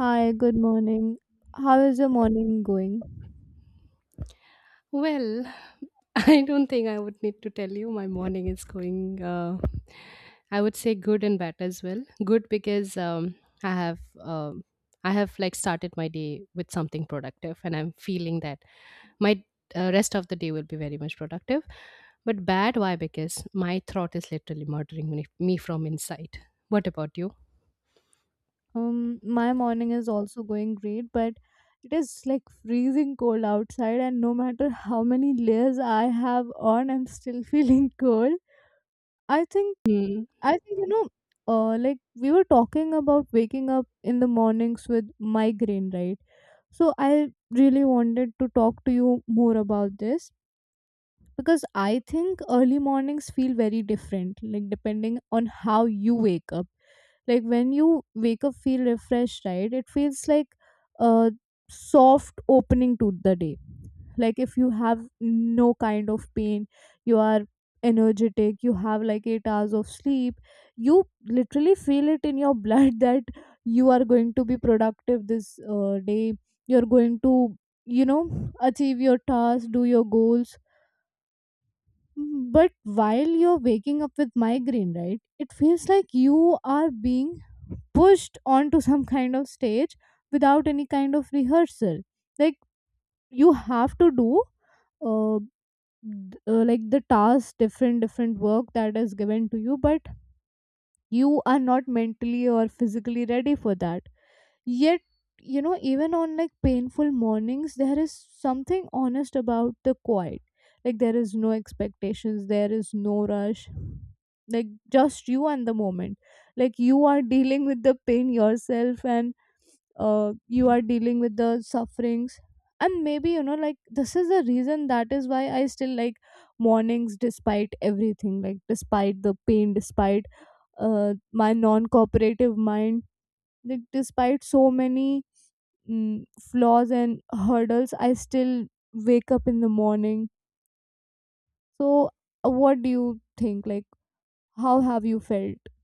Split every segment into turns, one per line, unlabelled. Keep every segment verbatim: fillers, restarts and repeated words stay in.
Hi, good morning. How is your morning going?
Well, I don't think I would need to tell you my morning is going, uh, I would say good and bad as well. Good because um, I have um, I have like started my day with something productive, and I'm feeling that my uh, rest of the day will be very much productive. But bad, why? Because my throat is literally murdering me, me from inside. What about you?
Um, my morning is also going great, but it is like freezing cold outside, and no matter how many layers I have on, I'm still feeling cold. I think,
Hmm.
I think, you know, uh, like we were talking about waking up in the mornings with migraine, right? So I really wanted to talk to you more about this because I think early mornings feel very different, like depending on how you wake up. Like when you wake up feel refreshed, right? It feels like a soft opening to the day. Like if you have no kind of pain, you are energetic, you have like eight hours of sleep, you literally feel it in your blood that you are going to be productive this uh, day. You're going to you know achieve your task, do your goals. Mm, But while you're waking up with migraine, right, it feels like you are being pushed onto some kind of stage without any kind of rehearsal. Like you have to do, uh, th- uh, like the task, different different work that is given to you, but you are not mentally or physically ready for that. Yet, you know, even on like painful mornings, there is something honest about the quiet. Like, there is no expectations, there is no rush. Like, just you and the moment. Like, you are dealing with the pain yourself and uh, you are dealing with the sufferings. And maybe, you know, like, this is the reason that is why I still like mornings despite everything, like, despite the pain, despite uh, my non cooperative mind, like, despite so many mm, flaws and hurdles. I still wake up in the morning. So uh, what do you think, like, how have you felt?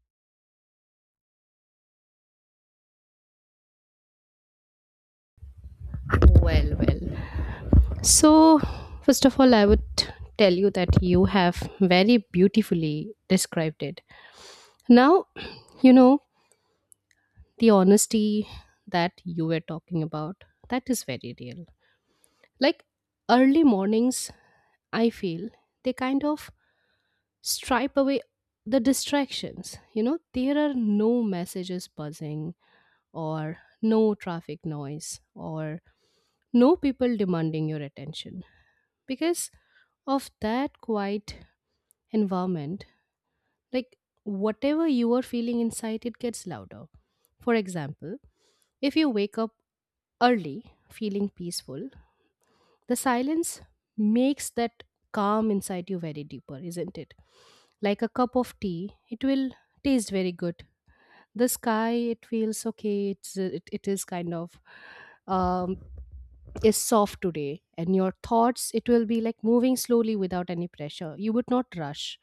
Well, well. So, first of all, I would tell you that you have very beautifully described it. Now, you know, the honesty that you were talking about, that is very real. Like early mornings, I feel they kind of stripe away the distractions. You know, there are no messages buzzing, or no traffic noise, or no people demanding your attention because of that quiet environment, like whatever you are feeling inside, it gets louder. For example, if you wake up early feeling peaceful, the silence makes that calm inside you very deeper, isn't it? Like a cup of tea, it will taste very good. The sky, it feels okay. It's it, it is kind of um is soft today. And your thoughts, it will be like moving slowly without any pressure. You would not rush,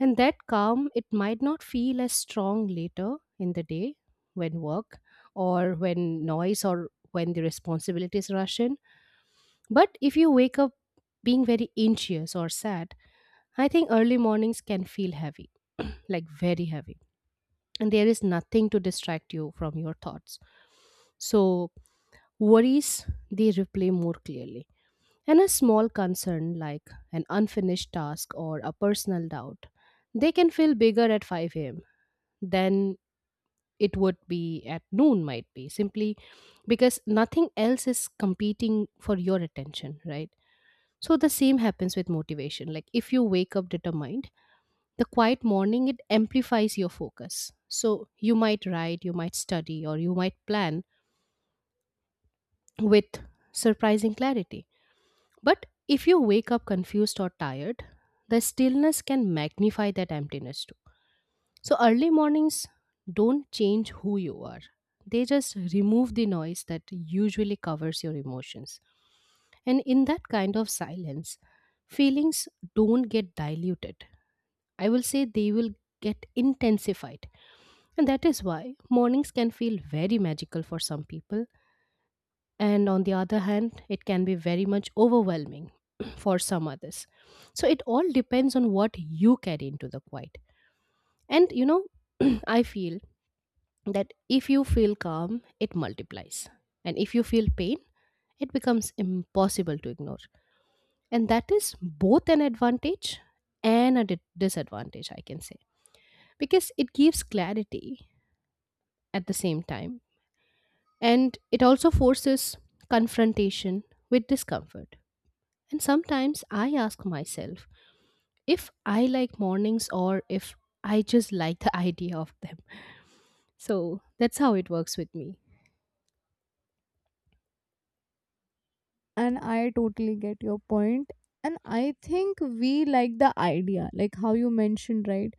and that calm, it might not feel as strong later in the day, when work or when noise or when the responsibilities rush in. But if you wake up being very anxious or sad, I think early mornings can feel heavy, like very heavy, and there is nothing to distract you from your thoughts. So, worries, they replay more clearly. And a small concern like an unfinished task or a personal doubt, they can feel bigger at five a m than it would be at noon, might be simply because nothing else is competing for your attention, right? So, the same happens with motivation. Like, if you wake up determined, the quiet morning, it amplifies your focus, so you might write, you might study, or you might plan with surprising clarity. But if you wake up confused or tired, the stillness can magnify that emptiness too. So early mornings don't change who you are, they just remove the noise that usually covers your emotions. And in that kind of silence, feelings don't get diluted, I will say they will get intensified. And that is why mornings can feel very magical for some people, and on the other hand, it can be very much overwhelming for some others. So it all depends on what you carry into the quiet. And you know, I feel that if you feel calm, it multiplies. And if you feel pain, it becomes impossible to ignore. And that is both an advantage and a di- disadvantage, I can say, because it gives clarity at the same time. And it also forces confrontation with discomfort. And sometimes I ask myself if I like mornings or if I just like the idea of them. So that's how it works with me.
And I totally get your point. And I think we like the idea, like how you mentioned, right?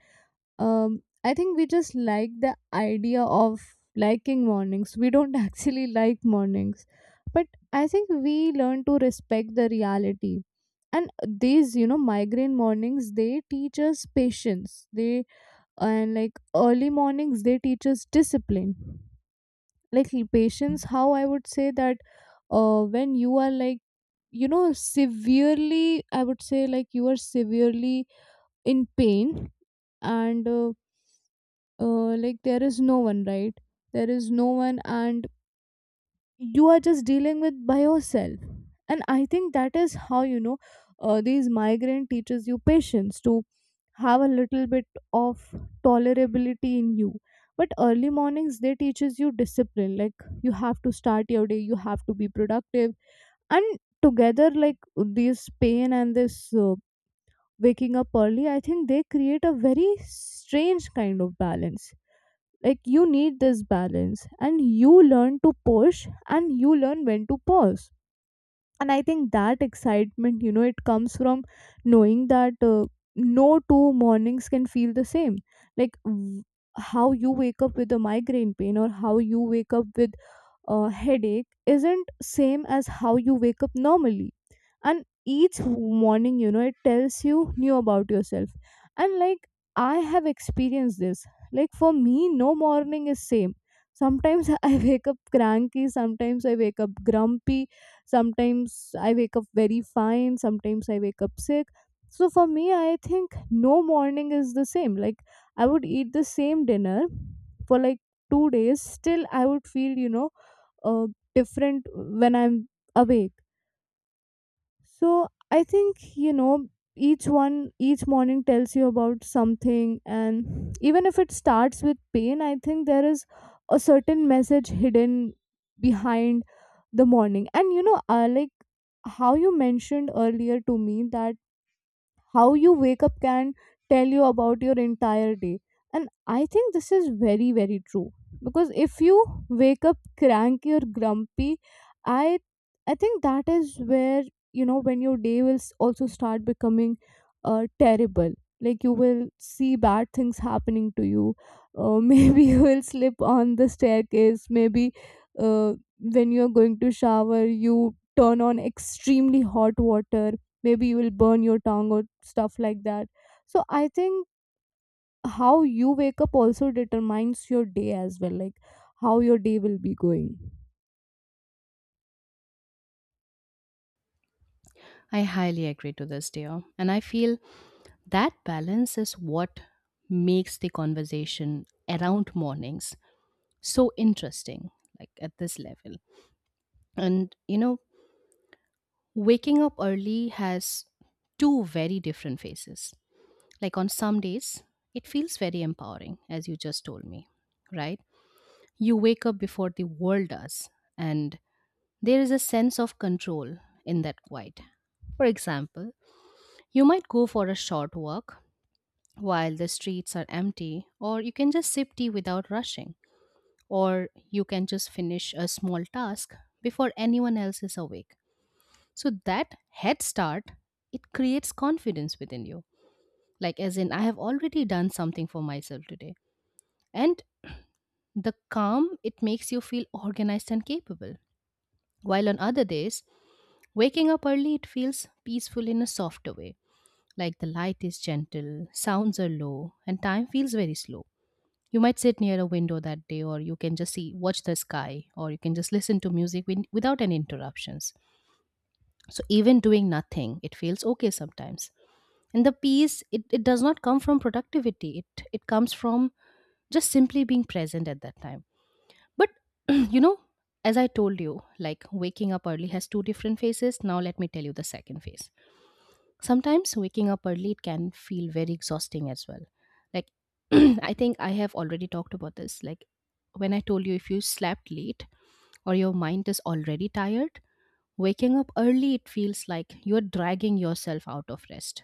um I think we just like the idea of liking mornings. We don't actually like mornings. But I think we learn to respect the reality. And these, you know migraine mornings, they teach us patience, they and like early mornings, they teach us discipline. Like, l- patience, how I would say that. Uh when you are like, you know severely, I would say, like, you are severely in pain. And uh, uh, like there is no one, right? There is no one, and you are just dealing with by yourself. And I think that is how, you know uh, these migraine teaches you patience, to have a little bit of tolerability in you. But early mornings, they teaches you discipline. Like, you have to start your day, you have to be productive. And together, like this pain and this uh, waking up early, I think they create a very strange kind of balance. Like, you need this balance, and you learn to push and you learn when to pause. And I think that excitement, you know it comes from knowing that uh, no two mornings can feel the same. Like, w- how you wake up with a migraine pain, or how you wake up with uh, headache isn't same as how you wake up normally. And each morning, you know it tells you new about yourself. And like, I have experienced this. Like, for me, no morning is same. Sometimes I wake up cranky, sometimes I wake up grumpy, sometimes I wake up very fine, sometimes I wake up sick. So for me, I think no morning is the same. Like, I would eat the same dinner for like two days, still I would feel, you know uh, different when I'm awake. So I think, you know, each one, each morning tells you about something. And even if it starts with pain, I think there is a certain message hidden behind the morning. And, you know, uh, like how you mentioned earlier to me that how you wake up can tell you about your entire day. And I think this is very very true. Because if you wake up cranky or grumpy, i i think that is where, you know when your day will s- also start becoming uh, terrible. Like, you will see bad things happening to you. Uh, maybe you will slip on the staircase. Maybe uh, when you're going to shower, you turn on extremely hot water. Maybe you will burn your tongue, or stuff like that. So I think how you wake up also determines your day as well, like how your day will be going.
I highly agree to this, dear. And I feel that balance is what makes the conversation around mornings so interesting, like at this level. And you know, waking up early has two very different faces. Like on some days, it feels very empowering, as you just told me, right? You wake up before the world does, and there is a sense of control in that quiet. For example, you might go for a short walk while the streets are empty, or you can just sip tea without rushing, or you can just finish a small task before anyone else is awake. So that head start, it creates confidence within you. Like, as in, I have already done something for myself today. And the calm, it makes you feel organized and capable. While on other days, waking up early, it feels peaceful in a softer way, like the light is gentle, sounds are low, and time feels very slow. You might sit near a window that day, or you can just see, watch the sky, or you can just listen to music win- without any interruptions. So, even doing nothing, it feels okay sometimes. And the peace, it, it does not come from productivity, it, it comes from just simply being present at that time. But you know, as I told you, like waking up early has two different phases. Now let me tell you the second phase. Sometimes waking up early, it can feel very exhausting as well. Like I think I have already talked about this. Like when I told you, if you slept late or your mind is already tired, waking up early, it feels like you're dragging yourself out of rest,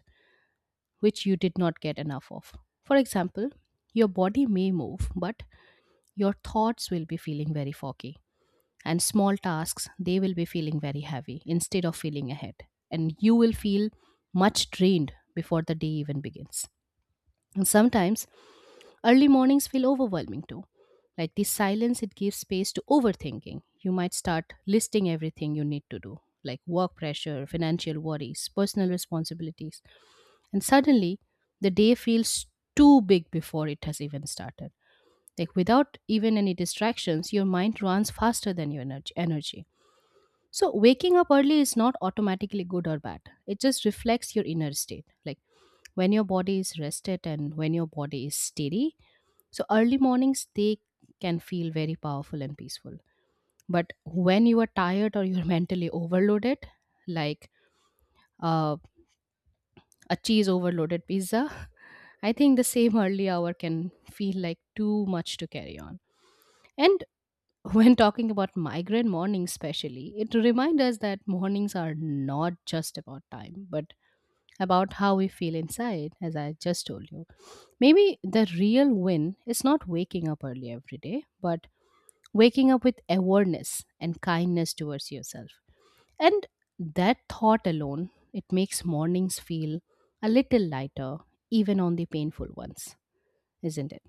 which you did not get enough of. For example, your body may move, but your thoughts will be feeling very foggy, and small tasks, they will be feeling very heavy instead of feeling ahead. And you will feel much drained before the day even begins. And sometimes early mornings feel overwhelming too. Like this silence, it gives space to overthinking. You might start listing everything you need to do, like work pressure, financial worries, personal responsibilities. And suddenly, the day feels too big before it has even started. Like without even any distractions, your mind runs faster than your energy. energy So, waking up early is not automatically good or bad. It just reflects your inner state. Like when your body is rested and when your body is steady. So, early mornings, they can feel very powerful and peaceful. But when you are tired or you're mentally overloaded, like uh, a cheese overloaded pizza, I think the same early hour can feel like too much to carry on. And when talking about migraine mornings, especially, it reminds us that mornings are not just about time, but about how we feel inside, as I just told you. Maybe the real win is not waking up early every day, but waking up with awareness and kindness towards yourself. And that thought alone, it makes mornings feel a little lighter, even on the painful ones, isn't it?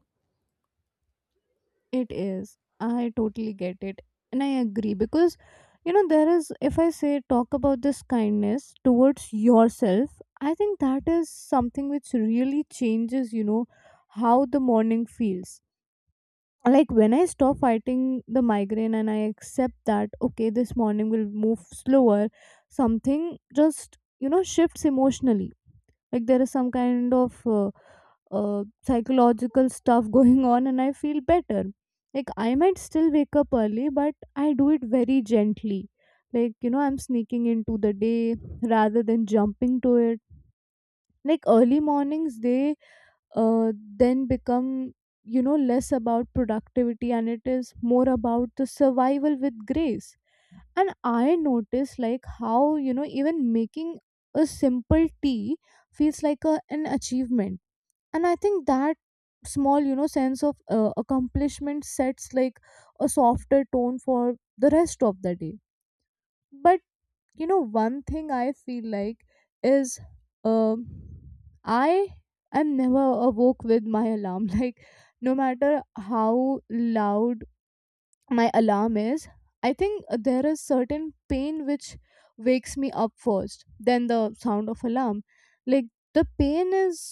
It is. I totally get it. And I agree, because, you know there is if I say, talk about this kindness towards yourself, I think that is something which really changes, you know how the morning feels. Like when I stop fighting the migraine and I accept that, okay, this morning will move slower, something just, you know shifts emotionally. Like, there is some kind of uh, uh, psychological stuff going on, and I feel better. Like, I might still wake up early, but I do it very gently. Like, you know I'm sneaking into the day rather than jumping to it. Like, early mornings, they uh, then become, you know less about productivity, and it is more about the survival with grace. And I notice, like how, you know even making a simple tea feels like a, an achievement. And I think that small, you know sense of uh, accomplishment sets like a softer tone for the rest of the day. But, you know one thing I feel like is, um I am never awoke with my alarm like, no matter how loud my alarm is, I think there is certain pain which wakes me up first. Then the sound of alarm. Like, the pain is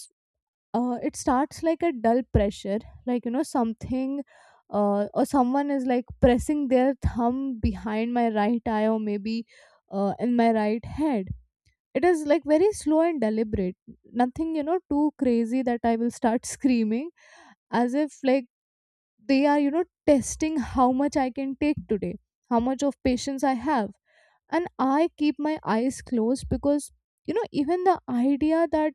uh, it starts like a dull pressure. Like, you know something, uh, or someone is like pressing their thumb behind my right eye, or maybe uh, in my right head. It is like very slow and deliberate, nothing, you know too crazy that I will start screaming, as if like they are, you know testing how much I can take today, how much of patience I have. And I keep my eyes closed, because, you know even the idea that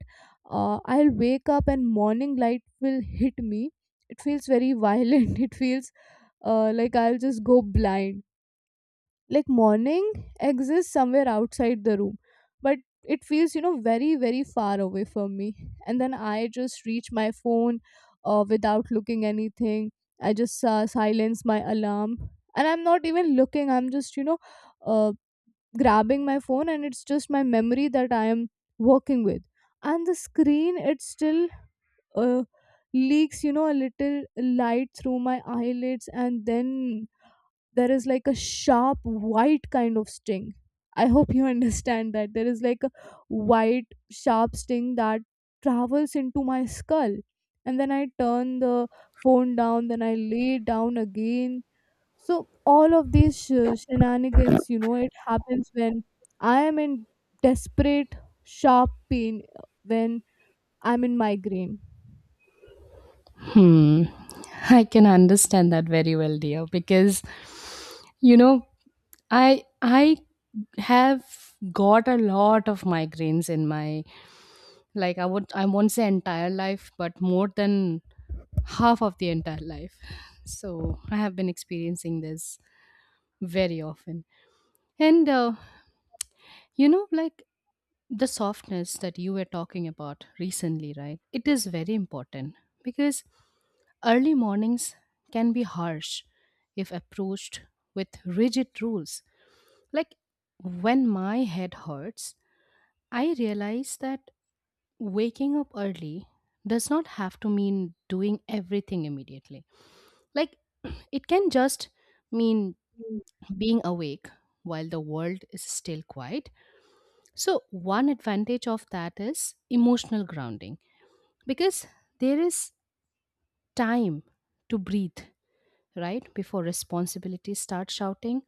uh, I'll wake up and morning light will hit me, it feels very violent it feels uh, like I'll just go blind. Like, morning exists somewhere outside the room, but it feels, you know very very far away from me. And then I just reach my phone, uh, without looking anything. I just uh, silence my alarm, and I'm not even looking, I'm just, you know uh, grabbing my phone, and it's just my memory that I am working with. And the screen, it still uh, leaks, you know a little light through my eyelids, and then there is like a sharp white kind of sting. I hope you understand that there is like a white sharp sting that travels into my skull. And then I turn the phone down, then I lay down again. So all of these sh- shenanigans, you know, it happens when I am in desperate, sharp pain, uh, when I'm in migraine.
Hmm. I can understand that very well, dear, because you know, I I have got a lot of migraines in my, like I would, I won't say entire life, but more than half of the entire life. So I have been experiencing this very often. And uh, you know, like the softness that you were talking about recently, right? It is very important because early mornings can be harsh if approached with rigid rules. Like when my head hurts, I realize that waking up early does not have to mean doing everything immediately. Like, it can just mean
Mm.
being awake while the world is still quiet. So, one advantage of that is emotional grounding, because there is time to breathe, right? Before responsibilities start shouting.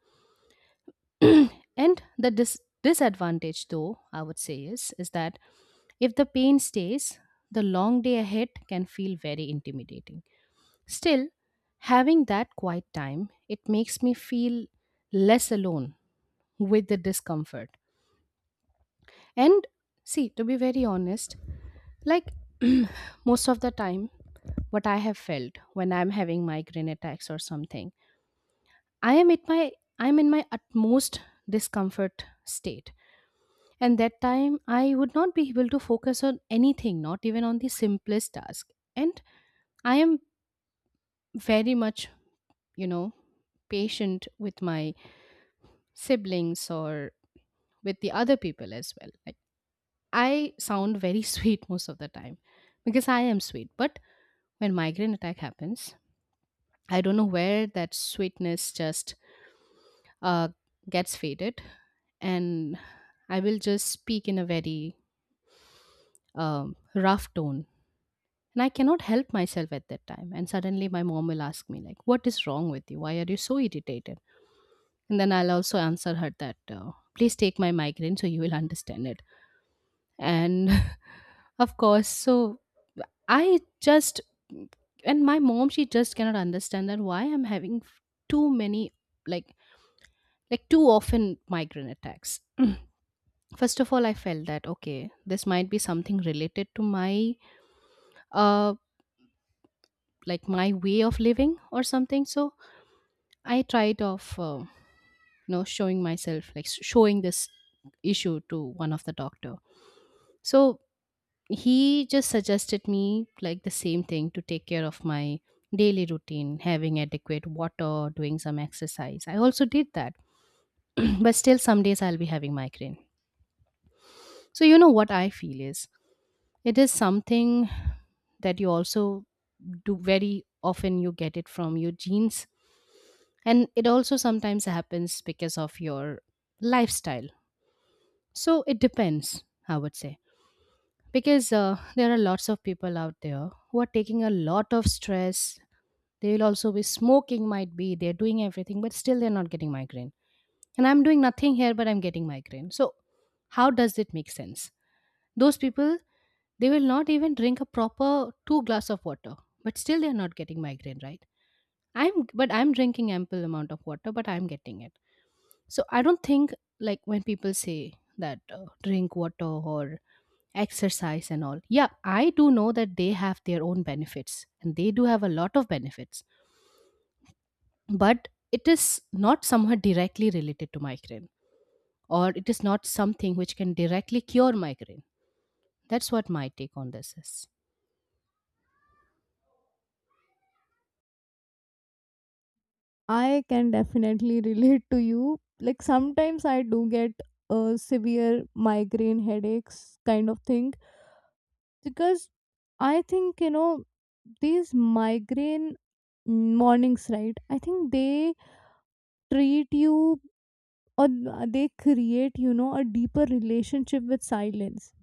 And the dis- disadvantage, though, I would say is, is that if the pain stays, the long day ahead can feel very intimidating. Still, having that quiet time, it makes me feel less alone with the discomfort. And see, to be very honest, like most of the time, what I have felt when I'm having migraine attacks or something, I am at my I'm in my utmost discomfort state. And that time I would not be able to focus on anything, not even on the simplest task. And I am very much, you know, patient with my siblings or with the other people as well. Like I sound very sweet most of the time because I am sweet. But when migraine attack happens, I don't know where that sweetness just uh, gets faded, and I will just speak in a very um, rough tone. And I cannot help myself at that time. And suddenly my mom will ask me, like, what is wrong with you? Why are you so irritated? And then I'll also answer her that, uh, please take my migraine so you will understand it and of course. So I just... and my mom, she just cannot understand that why I'm having f- too many, like like too often migraine attacks. First of all, I felt that okay, this might be something related to my uh like my way of living or something. So I tried of uh, you know showing myself, like s- showing this issue to one of the doctor. So he just suggested me like the same thing, to take care of my daily routine, having adequate water, doing some exercise. I also did that. But still some days I'll be having migraine. So you know what I feel is, it is something that you also do very often. You get it from your genes, and it also sometimes happens because of your lifestyle. So it depends, I would say, because uh, there are lots of people out there who are taking a lot of stress. They will also be smoking, might be, they're doing everything, but still they're not getting migraine. And I'm doing nothing here, but I'm getting migraine. So, how does it make sense? Those people, they will not even drink a proper two glass of water, but still they're not getting migraine, right? I'm, but I'm drinking ample amount of water, but I'm getting it. So I don't think, like when people say that uh, drink water or exercise and all. Yeah, I do know that they have their own benefits and they do have a lot of benefits. But it is not somehow directly related to migraine, or it is not something which can directly cure migraine. That's what my take on this is.
I can definitely relate to you. Like sometimes I do get uh, severe migraine headaches kind of thing, because I think, you know these migraine mornings, right? I think they treat you or uh, they create, you know a deeper relationship with silence.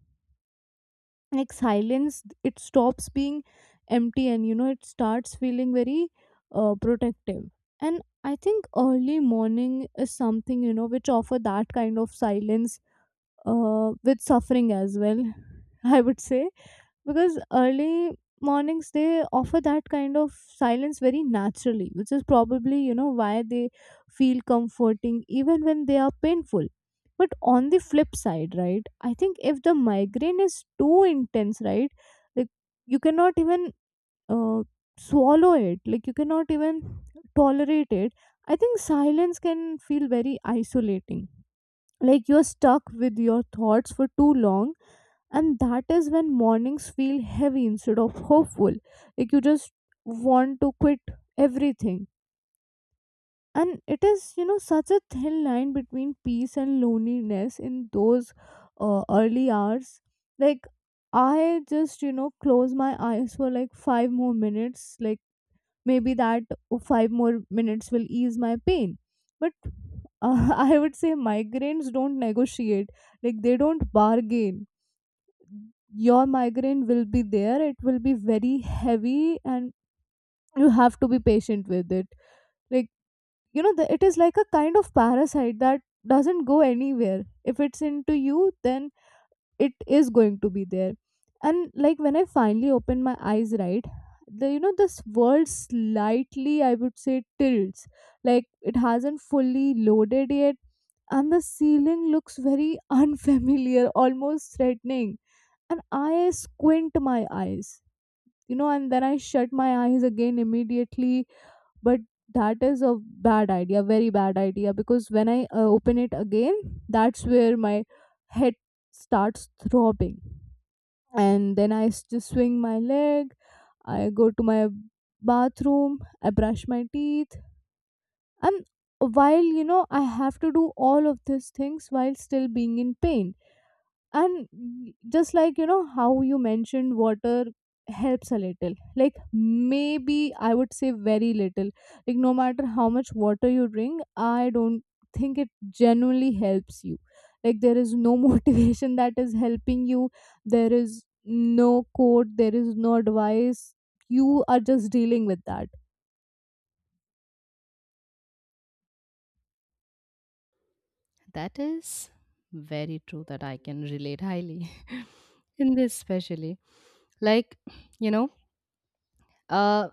Like silence, it stops being empty, and, you know it starts feeling very uh, protective. And I think early morning is something, you know which offer that kind of silence, uh, with suffering as well, I would say. Because early mornings, they offer that kind of silence very naturally, which is probably, you know why they feel comforting even when they are painful. But on the flip side, right? I think if the migraine is too intense, right, like, you cannot even uh, swallow it, like you cannot even tolerate it. I think silence can feel very isolating. Like, you're stuck with your thoughts for too long, and that is when mornings feel heavy instead of hopeful. Like, you just want to quit everything. And it is, you know such a thin line between peace and loneliness in those uh, early hours. Like, I just, you know close my eyes for like five more minutes. Like, maybe that five more minutes will ease my pain. But uh, I would say migraines don't negotiate. Like, they don't bargain. Your migraine will be there, it will be very heavy, and you have to be patient with it. Like, you know the, it is like a kind of parasite that doesn't go anywhere. If it's into you, then it is going to be there. And like, when I finally opened my eyes, right, the you know this world slightly, I would say, tilts. Like, it hasn't fully loaded yet, and the ceiling looks very unfamiliar, almost threatening. And I squint my eyes, you know and then I shut my eyes again immediately. But that is a bad idea, very bad idea, because when I uh, open it again, that's where my head starts throbbing. And then I s- just swing my leg. I go to my bathroom. I brush my teeth. And while, you know, I have to do all of these things while still being in pain. And y- just like, you know how you mentioned, water helps a little. Like, maybe I would say very little. Like, no matter how much water you drink, I don't think it genuinely helps you. Like, there is no motivation that is helping you. There is no code, there is no advice. You are just dealing with that.
That is very true, that I can relate highly in this, especially, like, you know, uh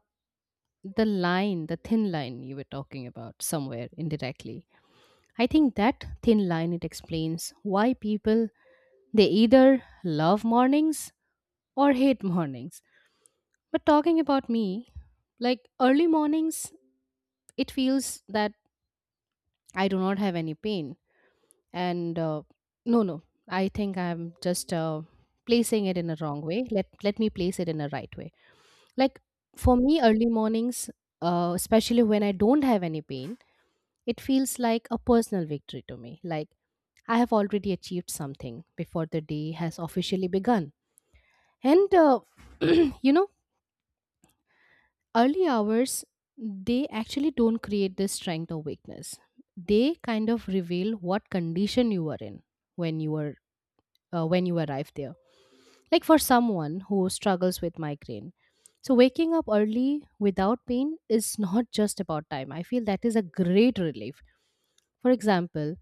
the line, the thin line you were talking about somewhere indirectly. I think that thin line, it explains why people, they either love mornings or hate mornings. But talking about me, like early mornings, it feels that I do not have any pain. And uh, no, no, I think I'm just uh, placing it in a wrong way. Let let me place it in a right way. Like for me, early mornings, uh, especially when I don't have any pain, it feels like a personal victory to me. Like I have already achieved something before the day has officially begun. And uh, you know, early hours, they actually don't create this strength or weakness, they kind of reveal what condition you were in when you were, uh, when you arrived there. Like for someone who struggles with migraine, so waking up early without pain is not just about time, I feel that is a great relief. For example,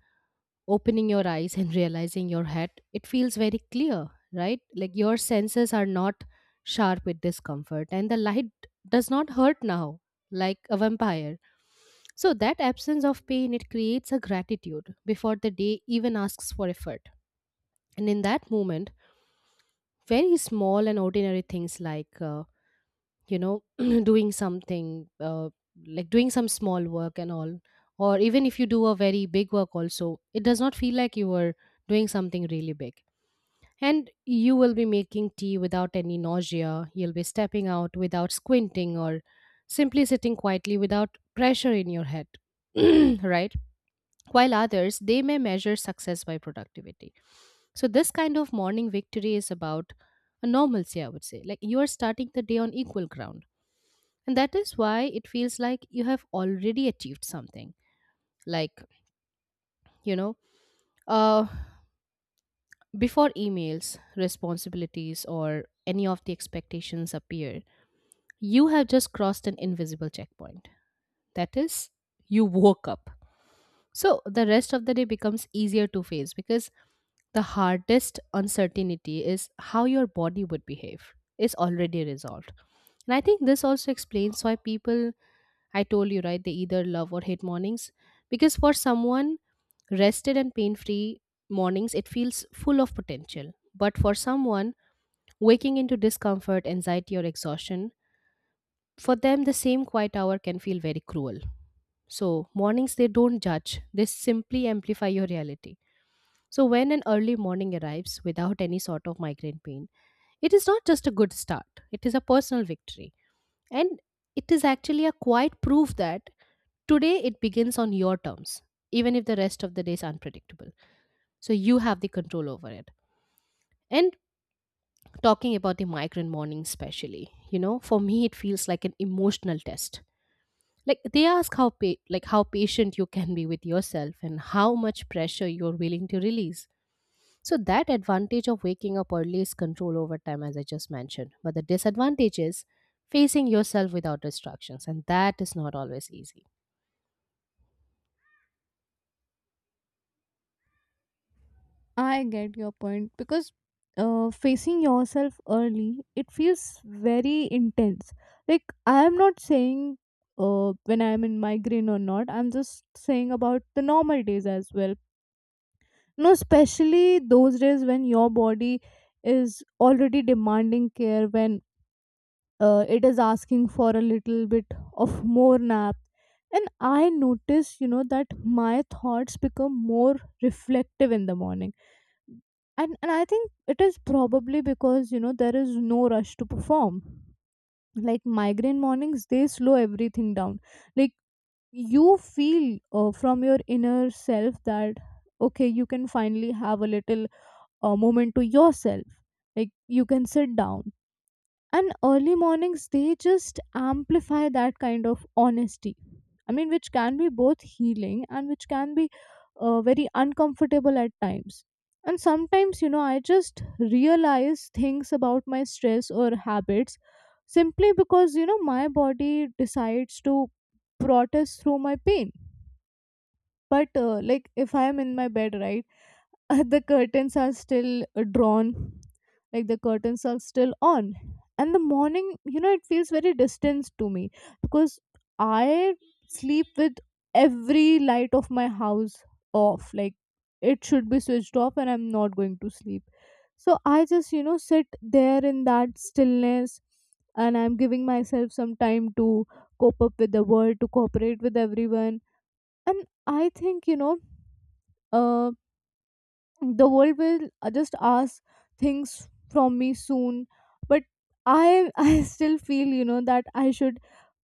opening your eyes and realizing your head, it feels very clear, right? Like your senses are not sharp with discomfort, and the light does not hurt now, like a vampire. So, that absence of pain, it creates a gratitude before the day even asks for effort. And in that moment, very small and ordinary things, like uh, you know, doing something, uh, like doing some small work and all, or even if you do a very big work also, it does not feel like you are doing something really big. And you will be making tea without any nausea, you'll be stepping out without squinting, or simply sitting quietly without pressure in your head. Right, while others, they may measure success by productivity, so this kind of morning victory is about a normalcy, I would say. Like you are starting the day on equal ground, and that is why it feels like you have already achieved something. Like, you know, uh, before emails, responsibilities, or any of the expectations appear, you have just crossed an invisible checkpoint. That is, you woke up. So the rest of the day becomes easier to face, because the hardest uncertainty is how your body would behave is already resolved. And I think this also explains why people, I told you, right? They either love or hate mornings. Because for someone rested and pain free, mornings, it feels full of potential. But for someone waking into discomfort, anxiety, or exhaustion, for them, the same quiet hour can feel very cruel. So, mornings, they don't judge, they simply amplify your reality. So, when an early morning arrives without any sort of migraine pain, it is not just a good start, it is a personal victory. And it is actually a quiet proof that today, it begins on your terms, even if the rest of the day is unpredictable. So you have the control over it. And talking about the migrant morning, especially, you know, for me, it feels like an emotional test. Like they ask how pa- like how patient you can be with yourself, and how much pressure you're willing to release. So that advantage of waking up early is control over time, as I just mentioned. But the disadvantage is facing yourself without distractions, and that is not always easy.
I get your point, because uh, facing yourself early, it feels very intense. Like, I am not saying uh, when I am in migraine or not. I'm just saying about the normal days as well. No, especially those days when your body is already demanding care, when uh, it is asking for a little bit of more nap. And I notice, you know, that my thoughts become more reflective in the morning. And and I think it is probably because, you know there is no rush to perform. Like, migraine mornings, they slow everything down. Like, you feel uh, from your inner self that, okay, you can finally have a little uh, moment to yourself. Like, you can sit down. And early mornings, they just amplify that kind of honesty. I mean, which can be both healing and which can be uh, very uncomfortable at times. And sometimes, you know I just realize things about my stress or habits, simply because, you know my body decides to protest through my pain. But uh, like, if I am in my bed, right? Uh, the curtains are still uh, drawn. Like, the curtains are still on, and the morning, you know it feels very distant to me. Because I sleep with every light of my house off. Like, it should be switched off, and I'm not going to sleep. So I just, you know sit there in that stillness, and I'm giving myself some time to cope up with the world, to cooperate with everyone. And I think, you know uh, the world will uh, just ask things from me soon. But I I still feel, you know that I should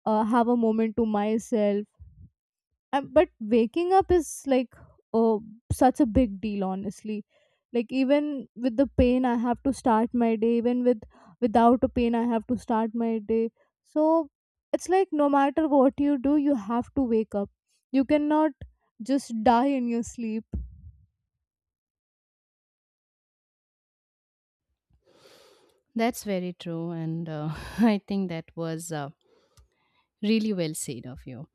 uh, have a moment to myself. Um, but waking up is like uh, such a big deal, honestly. Like, even with the pain I have to start my day. Even with without a pain, I have to start my day. So it's like, no matter what you do, you have to wake up. You cannot just die in your sleep.
That's very true. And uh, I think that was uh, really well said of you.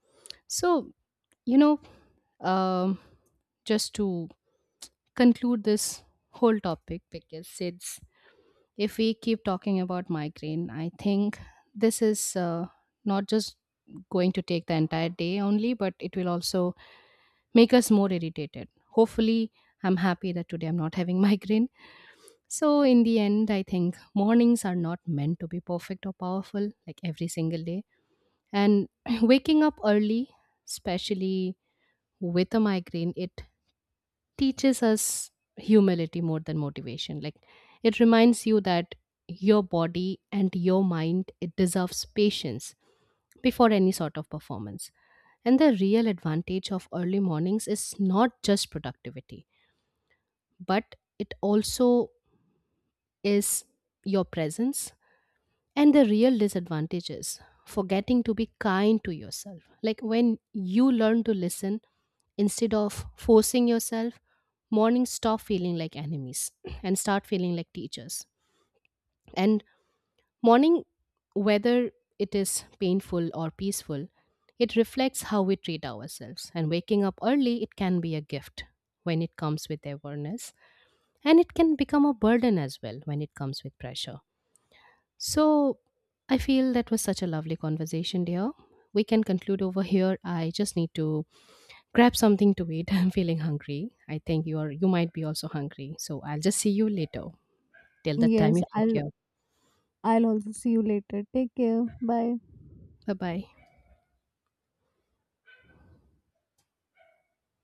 So, you know, um, just to conclude this whole topic, because it's, if we keep talking about migraine, I think this is uh, not just going to take the entire day only, but it will also make us more irritated. Hopefully, I'm happy that today I'm not having migraine. So, in the end, I think mornings are not meant to be perfect or powerful like every single day. And waking up early, especially with a migraine, it teaches us humility more than motivation. Like it reminds you that your body and your mind, it deserves patience before any sort of performance. And the real advantage of early mornings is not just productivity, but it also is your presence. And the real disadvantage is forgetting to be kind to yourself. Like when you learn to listen instead of forcing yourself, mornings stop feeling like enemies and start feeling like teachers. And morning, whether it is painful or peaceful, it reflects how we treat ourselves. And waking up early, it can be a gift when it comes with awareness, and it can become a burden as well when it comes with pressure. So, I feel that was such a lovely conversation, dear. We can conclude over here. I just need to grab something to eat. I'm feeling hungry. I think you are you might be also hungry. So I'll just see you later. Till that time,
Yes.
you
i
take care.
I'll also see you later. Take care. Bye.
Bye bye.